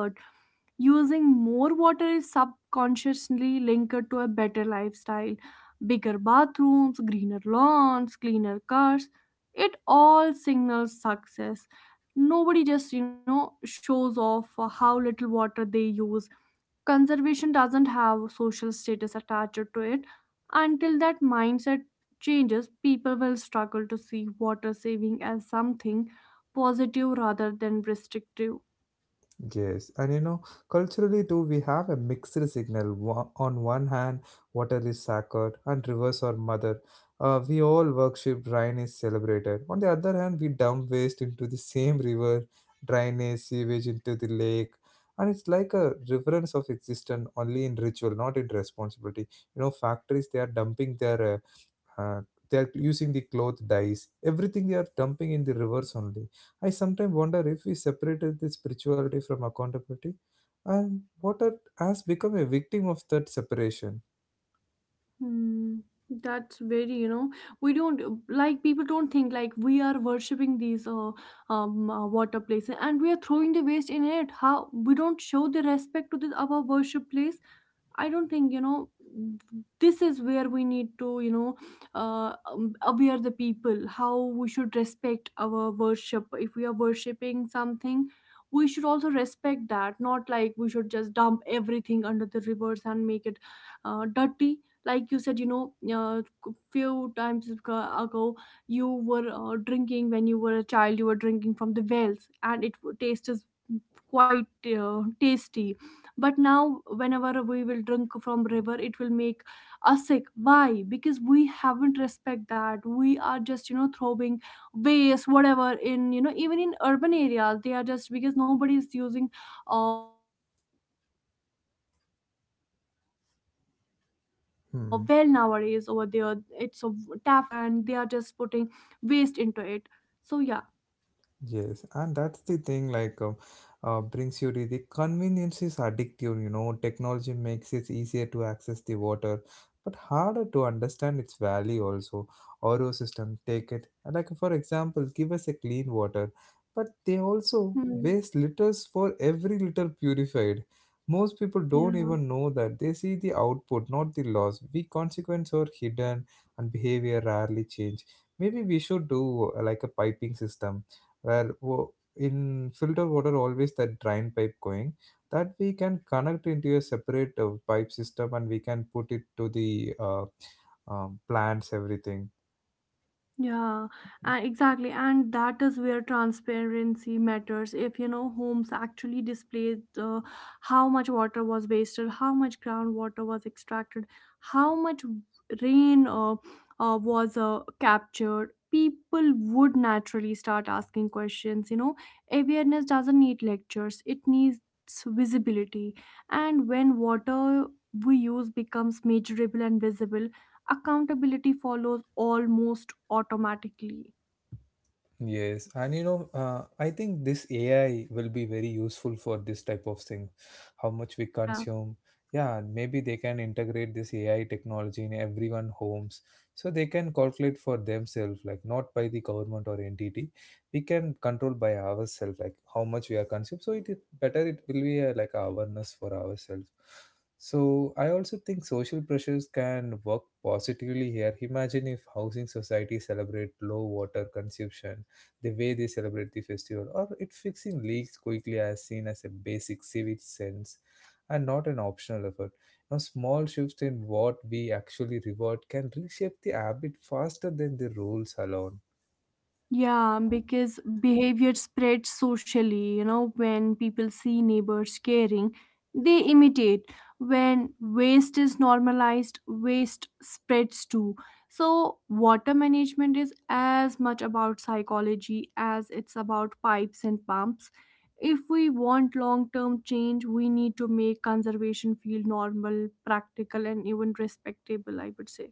S2: Using more water is subconsciously linked to a better lifestyle, bigger bathrooms, greener lawns, cleaner cars. It all signals success. Nobody just, you know, shows off for how little water they use. Conservation doesn't have social status attached to it. Until that mindset changes, people will struggle to see water saving as something positive rather than restrictive.
S1: Yes, and you know, culturally too, we have a mixed signal. On one hand, water is sacred and rivers are mother. We all worship, rain is celebrated. On the other hand, we dump waste into the same river, drainage, sewage into the lake. And it's like a reverence of existence only in ritual, not in responsibility. Factories, they are dumping their uh, they are using the cloth dyes everything they are dumping in the rivers only. I sometimes wonder if we separated the spirituality from accountability, and what art has become a victim of that separation.
S2: Hmm, that's very, you know, we don't like people don't think like we are worshipping these water places and we are throwing the waste in it. How we don't show the respect to this our worship place. I don't think you know this is where we need to you know aware the people how we should respect our worship. If we are worshiping something we should also respect that, not like we should just dump everything under the rivers and make it dirty. Like you said, you know, few times ago, you were drinking when you were a child. You were drinking from the wells and it tastes quite tasty, but now whenever we will drink from river it will make us sick. Why? Because we haven't respect that. We are just, you know, throwing waste whatever in, you know, even in urban areas. They are just because nobody is using
S1: Hmm.
S2: well nowadays over there. It's a tap facility has come over to urban places also, and they are just putting
S1: Yes, and
S2: waste
S1: that's
S2: into
S1: the
S2: it.
S1: thing,
S2: So
S1: like,
S2: yeah.
S1: brings you to the convenience is addictive. Technology makes it easier to access the water, but harder to understand its value also. RO system, take it. Like, for example, give us a clean water, but they also
S2: Hmm.
S1: waste liters for every liter purified. Most people don't
S2: Yeah.
S1: even know that they see the output, not the loss. We consequence are hidden and behavior rarely change. Maybe we should do like a piping system where in filter water always that drain pipe going that we can connect into a separate pipe system, and we can put it to the plants everything.
S2: Yeah, exactly. And that is where transparency matters. If you know homes actually displayed how much water was wasted, how much groundwater was extracted, how much rain was captured, people would naturally start asking questions. You know, awareness doesn't need lectures, it needs visibility. And when water we use becomes measurable and visible, accountability follows almost automatically.
S1: Yes, and I think this AI will be very useful for this type of thing. How much we
S2: Yeah.
S1: consume, yeah, and maybe they can integrate this AI technology in everyone homes, so they can calculate for themselves, like not by the government or entity. We can control by ourselves, like how much we are consumed. So it is better. It will be a, like, awareness for ourselves. So I also think social pressures can work positively here. Imagine if housing society celebrate low water consumption the way they celebrate the festival, or it fixing leaks quickly as seen as a basic civic sense, and not an optional effort. Now, small shifts in what we actually reward can reshape the habit faster than the rules alone.
S2: Yeah, because behavior spreads socially. You know, when people see neighbors caring, they imitate. When waste is normalized, waste spreads too. So, water management is as much about psychology as it's about pipes and pumps. If we want long term change, we need to make conservation feel normal, practical, and even respectable, I would say.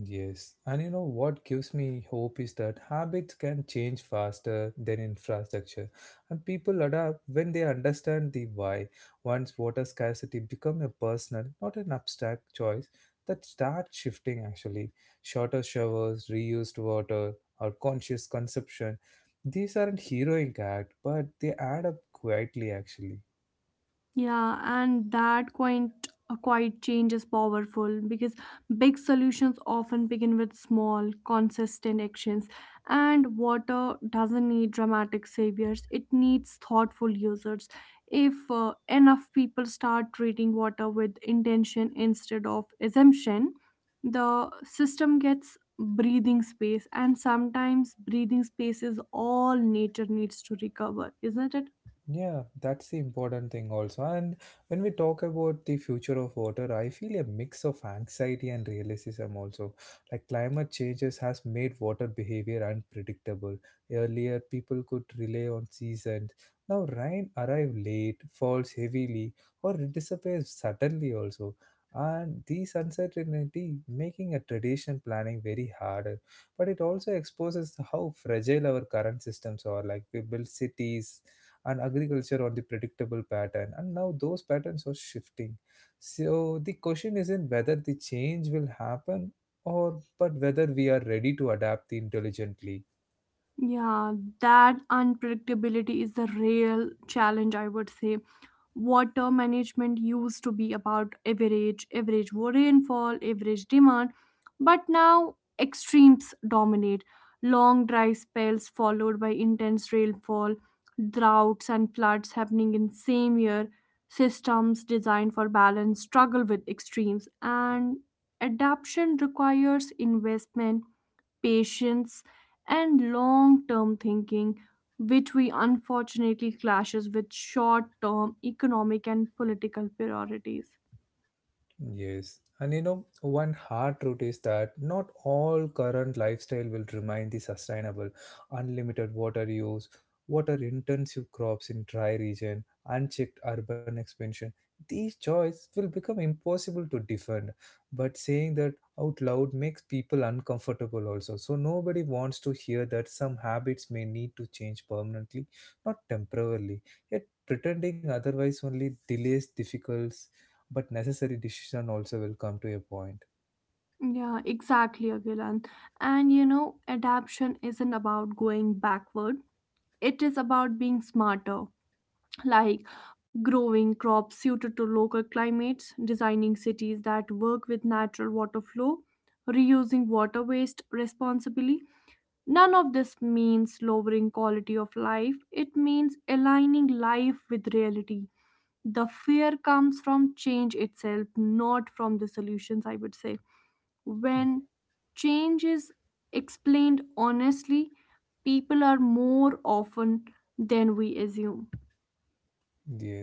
S1: Yes, and you know what gives me hope is that habits can change faster than infrastructure, and people adapt when they understand the why. Once water scarcity become a personal, not an abstract choice, that starts shifting actually. Shorter showers, reused water, or conscious consumption, these aren't heroic act, but they add up quietly actually.
S2: Yeah, and that quite a quiet change is powerful because big solutions often begin with small, consistent actions. And water doesn't need dramatic saviors; it needs thoughtful users. If enough people start treating water with intention instead of assumption, the system gets breathing space, and sometimes breathing space is all nature needs to recover, isn't it?
S1: Yeah, that's the important thing also. And when we talk about the future of water, I feel a mix of anxiety and realism also. Like climate changes has made water behavior unpredictable. Earlier, people could rely on seasons. Now rain arrive late, falls heavily, or it disappears suddenly also. And this uncertainty making a tradition planning very harder. But it also exposes how fragile our current systems are. Like we build cities and agriculture on the predictable pattern, and now those patterns are shifting, so the question isn't whether the change will happen or but whether we are ready to adapt intelligently.
S2: Yeah, that unpredictability is the real challenge, I would say. Water management used to be about average, average rainfall, average demand, but now extremes dominate. Long dry spells followed by intense rainfall, droughts and floods happening in same year. Systems designed for balance struggle with extremes, and adaptation requires investment, patience, and long-term thinking, which we unfortunately clashes with short-term economic and political priorities.
S1: Yes, and one hard truth is that not all current lifestyle will remain the sustainable. Unlimited water use, water intensive crops in dry region, unchecked urban expansion. These choices will become impossible to defend. But saying that out loud makes people uncomfortable also. So nobody wants to hear that some habits may need to change permanently, not temporarily. Yet pretending otherwise only delays difficulties but necessary decision also will come to a point.
S2: Yeah, exactly, Agilan. And you know, adaptation isn't about going backward, it is about being smarter. Like growing crops suited to local climates, designing cities that work with natural water flow, reusing water waste responsibly. None of this means lowering quality of life, it means aligning life with reality. The fear comes from change itself, not from the solutions, I would say. When change is explained honestly, people are more often than we assume.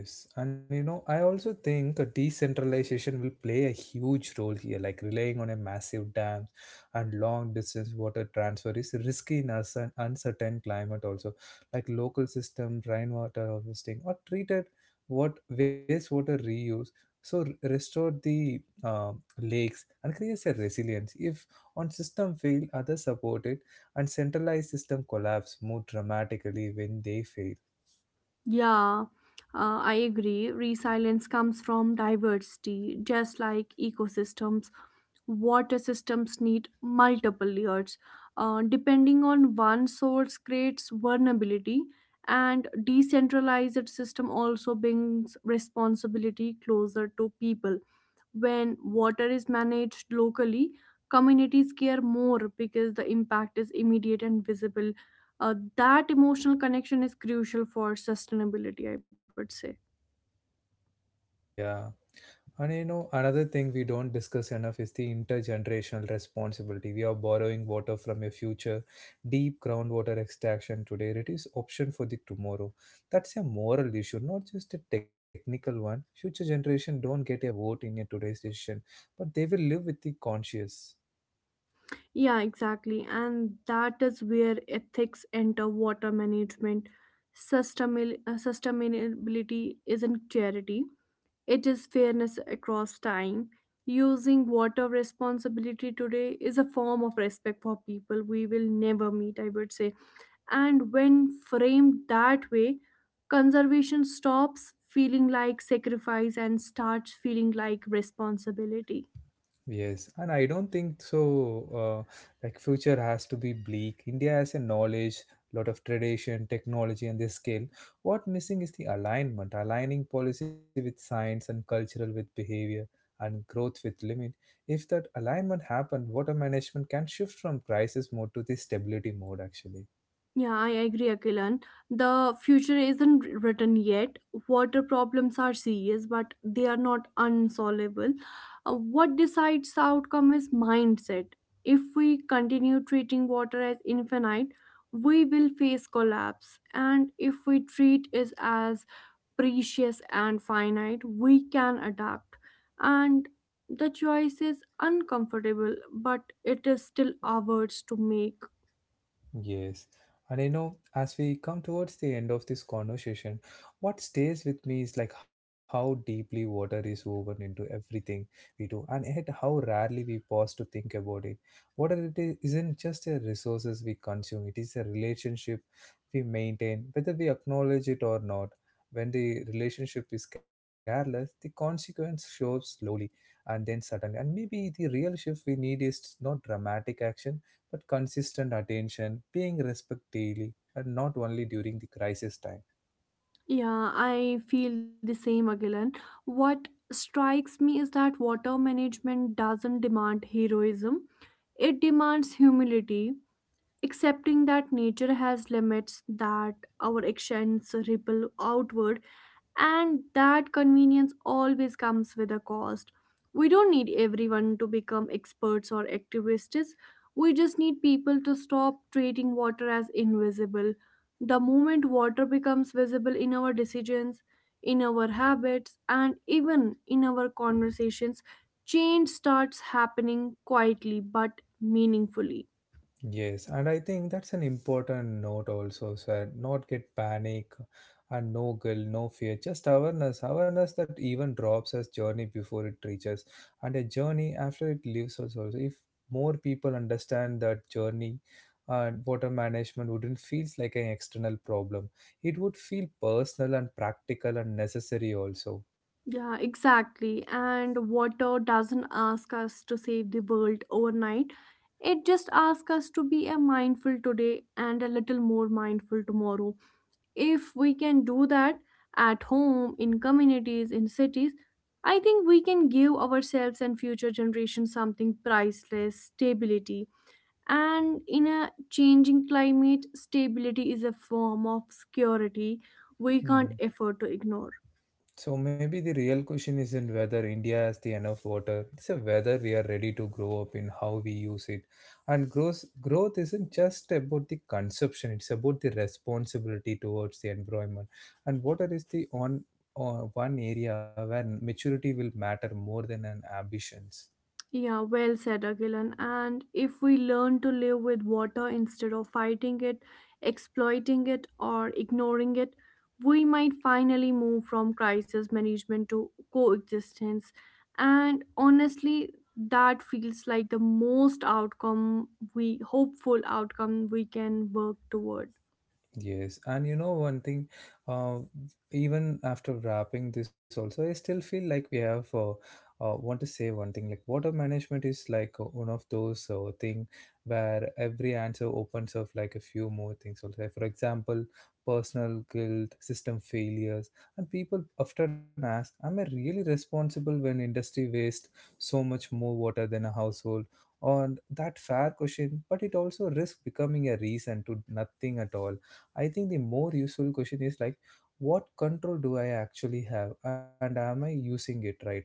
S1: Yes, and I also think a decentralization will play a huge role here. Like relying on a massive dam and long distance water transfer is risky in us and uncertain climate. Also, like local system, rainwater harvesting, or treated what wastewater reuse, so restore the lakes, and creates a resilience. If one system fail, others support it, and centralized system collapse more dramatically when they fail.
S2: Yeah, uh, I agree. Resilience comes from diversity, just like ecosystems. Water systems need multiple layers. Depending on one source creates vulnerability, and decentralized system also brings responsibility closer to people. When water is managed locally, communities care more because the impact is immediate and visible. That emotional connection is crucial for sustainability, I would say.
S1: Yeah. And another thing we don't discuss enough is the intergenerational responsibility. We are borrowing water from a future deep groundwater extraction today. It is option for the tomorrow. That's a moral issue, not just a technical one. Future generation don't get a vote in a today's decision, but they will live with the conscious.
S2: Yeah, exactly. And that is where ethics enter water management. Sustainability isn't charity, it is fairness across time. Using water responsibility today is a form of respect for people we will never meet, I would say. And when framed that way, conservation stops feeling like sacrifice and starts feeling like responsibility.
S1: Yes, and I don't think so. Like future has to be bleak. India has a knowledge, lot of tradition, technology, and the skill. What missing is the alignment, aligning policy with science and cultural with behavior and growth with limit. If that alignment happened, water management can shift from crisis mode to the stability mode. Actually,
S2: Yeah, I agree, Akilan. The future isn't written yet. Water problems are serious, but they are not unsolvable. What decides the outcome is mindset. If we continue treating water as infinite, we will face collapse. And if we treat it as precious and finite, we can adapt. And the choice is uncomfortable, but it is still ours to make.
S1: yes. And as we come towards the end of this conversation, what stays with me is like how deeply water is woven into everything we do, and yet how rarely we pause to think about it. Water it is, isn't just a resources we consume; it is a relationship we maintain, whether we acknowledge it or not. When the relationship is careless, the consequence shows slowly and then suddenly. And maybe the real shift we need is not dramatic action but consistent attention, paying respect daily, and not only during the crisis time.
S2: Yeah, I feel the same, Agilan. What strikes me is that water management doesn't demand heroism, it demands humility, accepting that nature has limits, that our actions ripple outward, and that convenience always comes with a cost. We don't need everyone to become experts or activists. We just need people to stop treating water as invisible. The moment water becomes visible in our decisions, in our habits, and even in our conversations, change starts happening quietly but meaningfully.
S1: Yes, and I think that's an important note also, sir. Not get panic and no guilt, no fear, just awareness. Awareness that even drops as journey before it reaches, and a journey after it leaves us also. If more people understand that journey, water management wouldn't feel like an external problem. It would feel personal and practical and necessary also.
S2: Yeah, exactly. And water doesn't ask us to save the world overnight. It just asks us to be a mindful today and a little more mindful tomorrow. If we can do that at home, in communities, in cities, I think we can give ourselves and future generations something priceless, stability. And in a changing climate, stability is a form of security we can't
S1: Mhm.
S2: afford to ignore.
S1: So maybe the real question isn't whether India has the enough water. It's a whether we are ready to grow up in how we use it. And growth isn't just about the consumption. It's about the responsibility towards the environment. And water is the on one area where maturity will matter more than an ambitions.
S2: Yeah, well said, Agilan. And if we learn to live with water instead of fighting it, exploiting it, or ignoring it, we might finally move from crisis management to coexistence. And honestly, that feels like the most outcome we hopeful outcome we can work towards.
S1: Yes, and you know one thing, uh, even after wrapping this also, I still feel like we have want to say one thing, like water management is like one of those thing where every answer opens up like a few more things also. Like, for example, personal guilt, system failures, and people often ask, "Am I really responsible when industry wastes so much more water than a household?" On that fair question, but it also risks becoming a reason to nothing at all. I think the more useful question is like, what control do I actually have, and am I using it right now?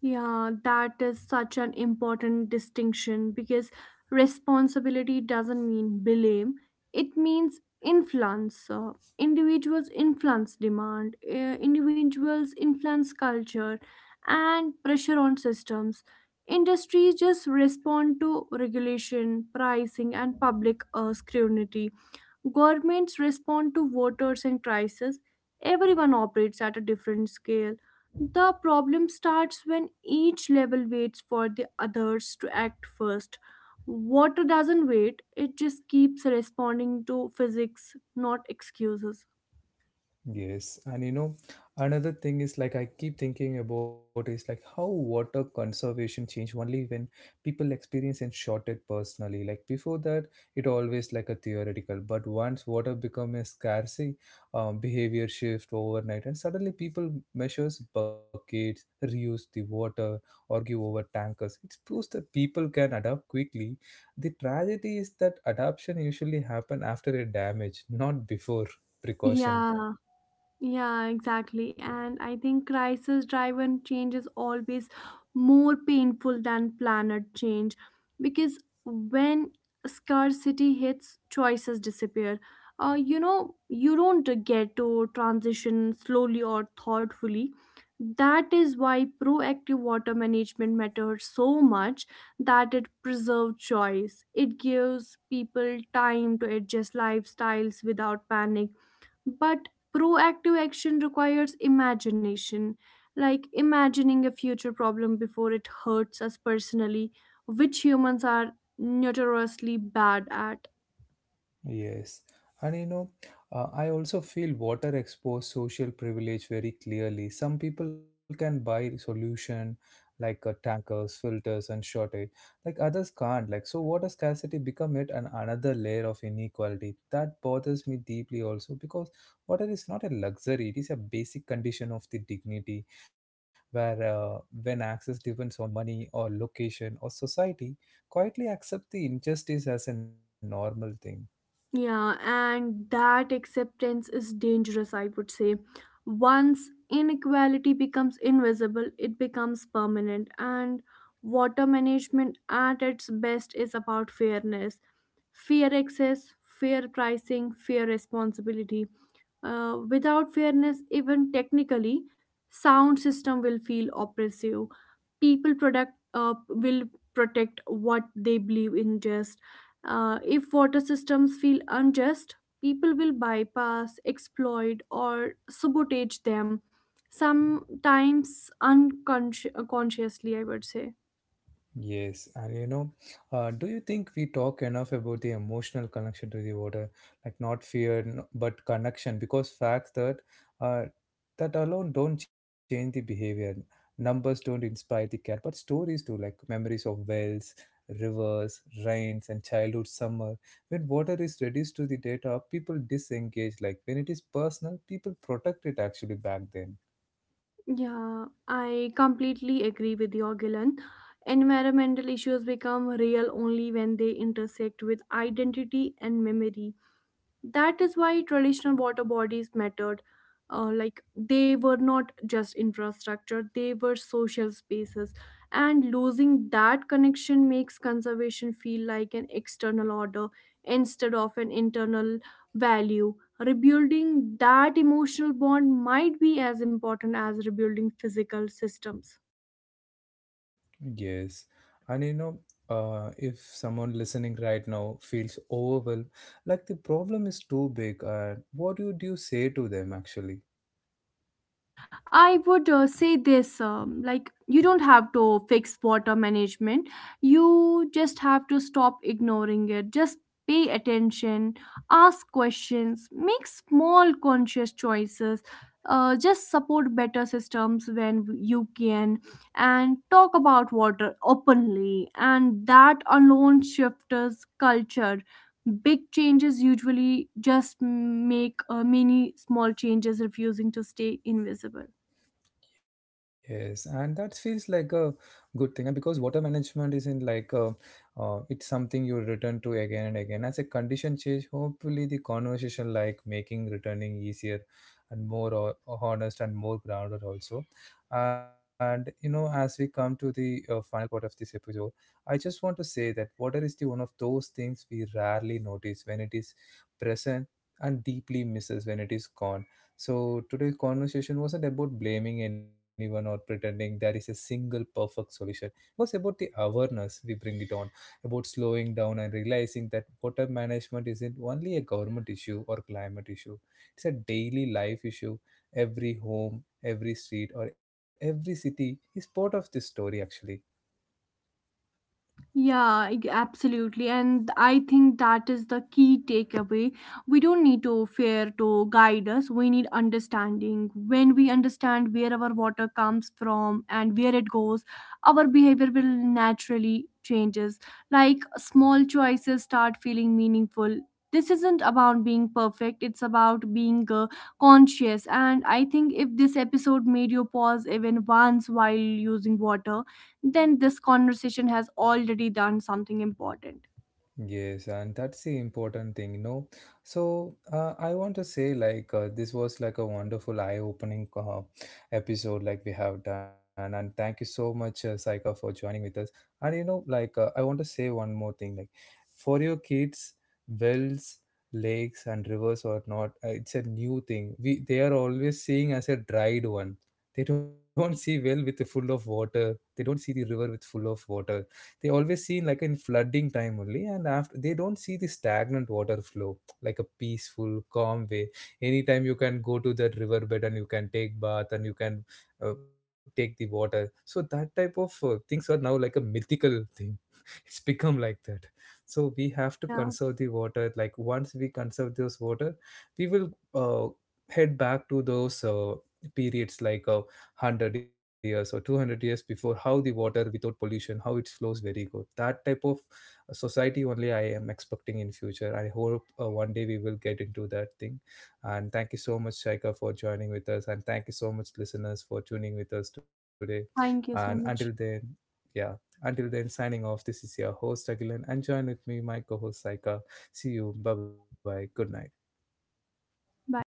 S2: Yeah, that is such an important distinction because responsibility doesn't mean blame, it means influence. Individuals influence demand, individuals influence culture, and pressure on systems. Industries just respond to regulation, pricing, and public scrutiny. Governments respond to voters and crises. Everyone operates at a different scale. The problem starts when each level waits for the others to act first. Water doesn't wait, it just keeps responding to physics, not excuses.
S1: Yes, and another thing is like I keep thinking about is like how water conservation changed only when people experience and shot it personally. Like before that, it always like a theoretical, but once water become a scarcity, behavior shift overnight, and suddenly people measures buckets, reuse the water, argue over tankers. It proves that people can adapt quickly. The tragedy is that adaptation usually happen after a damage, not before precaution.
S2: Yeah. Yeah, exactly. And I think crisis driven change is always more painful than planet change because when scarcity hits, choices disappear. You know, you don't get to transition slowly or thoughtfully. That is why proactive water management matters so much, that it preserves choice. It gives people time to adjust lifestyles without panic, but proactive action requires imagination, like imagining a future problem before it hurts us personally, which humans are notoriously bad at.
S1: Yes. And I also feel water exposed social privilege very clearly. Some people can buy solution like tankers, filters, and shortage. Like others can't. Like so, water scarcity become it an another layer of inequality that bothers me deeply also because water is not a luxury; it is a basic condition of the dignity. Where when access depends on money or location or society, quietly accept the injustice as a normal thing.
S2: Yeah, and that acceptance is dangerous, I would say. Once inequality becomes invisible, it becomes permanent, and water management at its best is about fairness, fair access, fair pricing, fair responsibility. Without fairness, even technically, sound system will feel oppressive. People product will protect what they believe in just. If water systems feel unjust, people will bypass, exploit, or sabotage them. Sometimes unconsciously, I would say.
S1: Yes, and do you think we talk enough about the emotional connection to the water, like not fear but connection? Because facts uh, that alone don't change the behavior. Numbers don't inspire the care, but stories do, like memories of wells, rivers, rains, and childhood summer. When water is reduced to the data, people disengage. Like when it is personal, people protect it actually back then.
S2: Yeah, I completely agree with your Gilan. Environmental issues become real only when they intersect with identity and memory. That is why traditional water bodies mattered, like they were not just infrastructure, they were social spaces, and losing that connection makes conservation feel like an external order instead of an internal value. Rebuilding that emotional bond might be as important as rebuilding physical systems.
S1: Yes. And if someone listening right now feels overwhelmed, like the problem is too big, what would you say to them actually?
S2: I would say this, like, you don't have to fix water management, you just have to stop ignoring it. Just pay attention, ask questions, make small conscious choices. Just support better systems when you can and talk about water openly, and that alone shifts culture. Big changes usually just make many small changes refusing to stay invisible.
S1: Yes, and that feels like a good thing, and because water management isn't it's something you return to again and again. As a condition change, hopefully the conversation like making returning easier and more honest and more grounded also. And as we come to the final part of this episode, I just want to say that water is the one of those things we rarely notice when it is present and deeply misses when it is gone. So today's conversation wasn't about blaming anyone or pretending there is a single perfect solution. It was about the awareness we bring it on, about slowing down and realizing that water management isn't only a government issue or climate issue. It's a daily life issue. Every home, every street, or every city is part of this story actually.
S2: Yeah, absolutely. And I think that is the key takeaway. We don't need to fear to guide us. We need understanding. When we understand where our water comes from and where it goes, our behavior will naturally changes. Like small choices start feeling meaningful. This isn't about being perfect. It's about being conscious. And I think if this episode made you pause even once while using water, then this conversation has already done something important.
S1: Yes, and that's the important thing. So I want to say, like, this was like a wonderful eye-opening episode, like we have done, and thank you so much, Saika, for joining with us. And like, I want to say one more thing, like, for your kids, wells, lakes, and rivers or not, it's a new thing. We they are always seeing as a dried one. They don't see well with full of water. They don't see the river with full of water. They always see in like in flooding time only, and after they don't see the stagnant water flow like a peaceful calm way. Anytime you can go to that riverbed and you can take bath and you can take the water, so that type of things are now like a mythical thing. It's become like that. So we have to
S2: Yeah.
S1: conserve the water. Like once we conserve those water, we will head back to those periods, like 100 years or 200 years before, how the water without pollution how it flows very good. That type of society only I am expecting in future. I hope one day we will get into that thing. And thank you so much, Shaika, for joining with us, and thank you so much, listeners, for tuning with us today. And
S2: Thank you
S1: until
S2: so
S1: then,
S2: much.
S1: yeah, until then, signing off. This is your host, Agilan, and join with me, my co host, Saika. See you. Bye bye. Good night.
S2: Bye.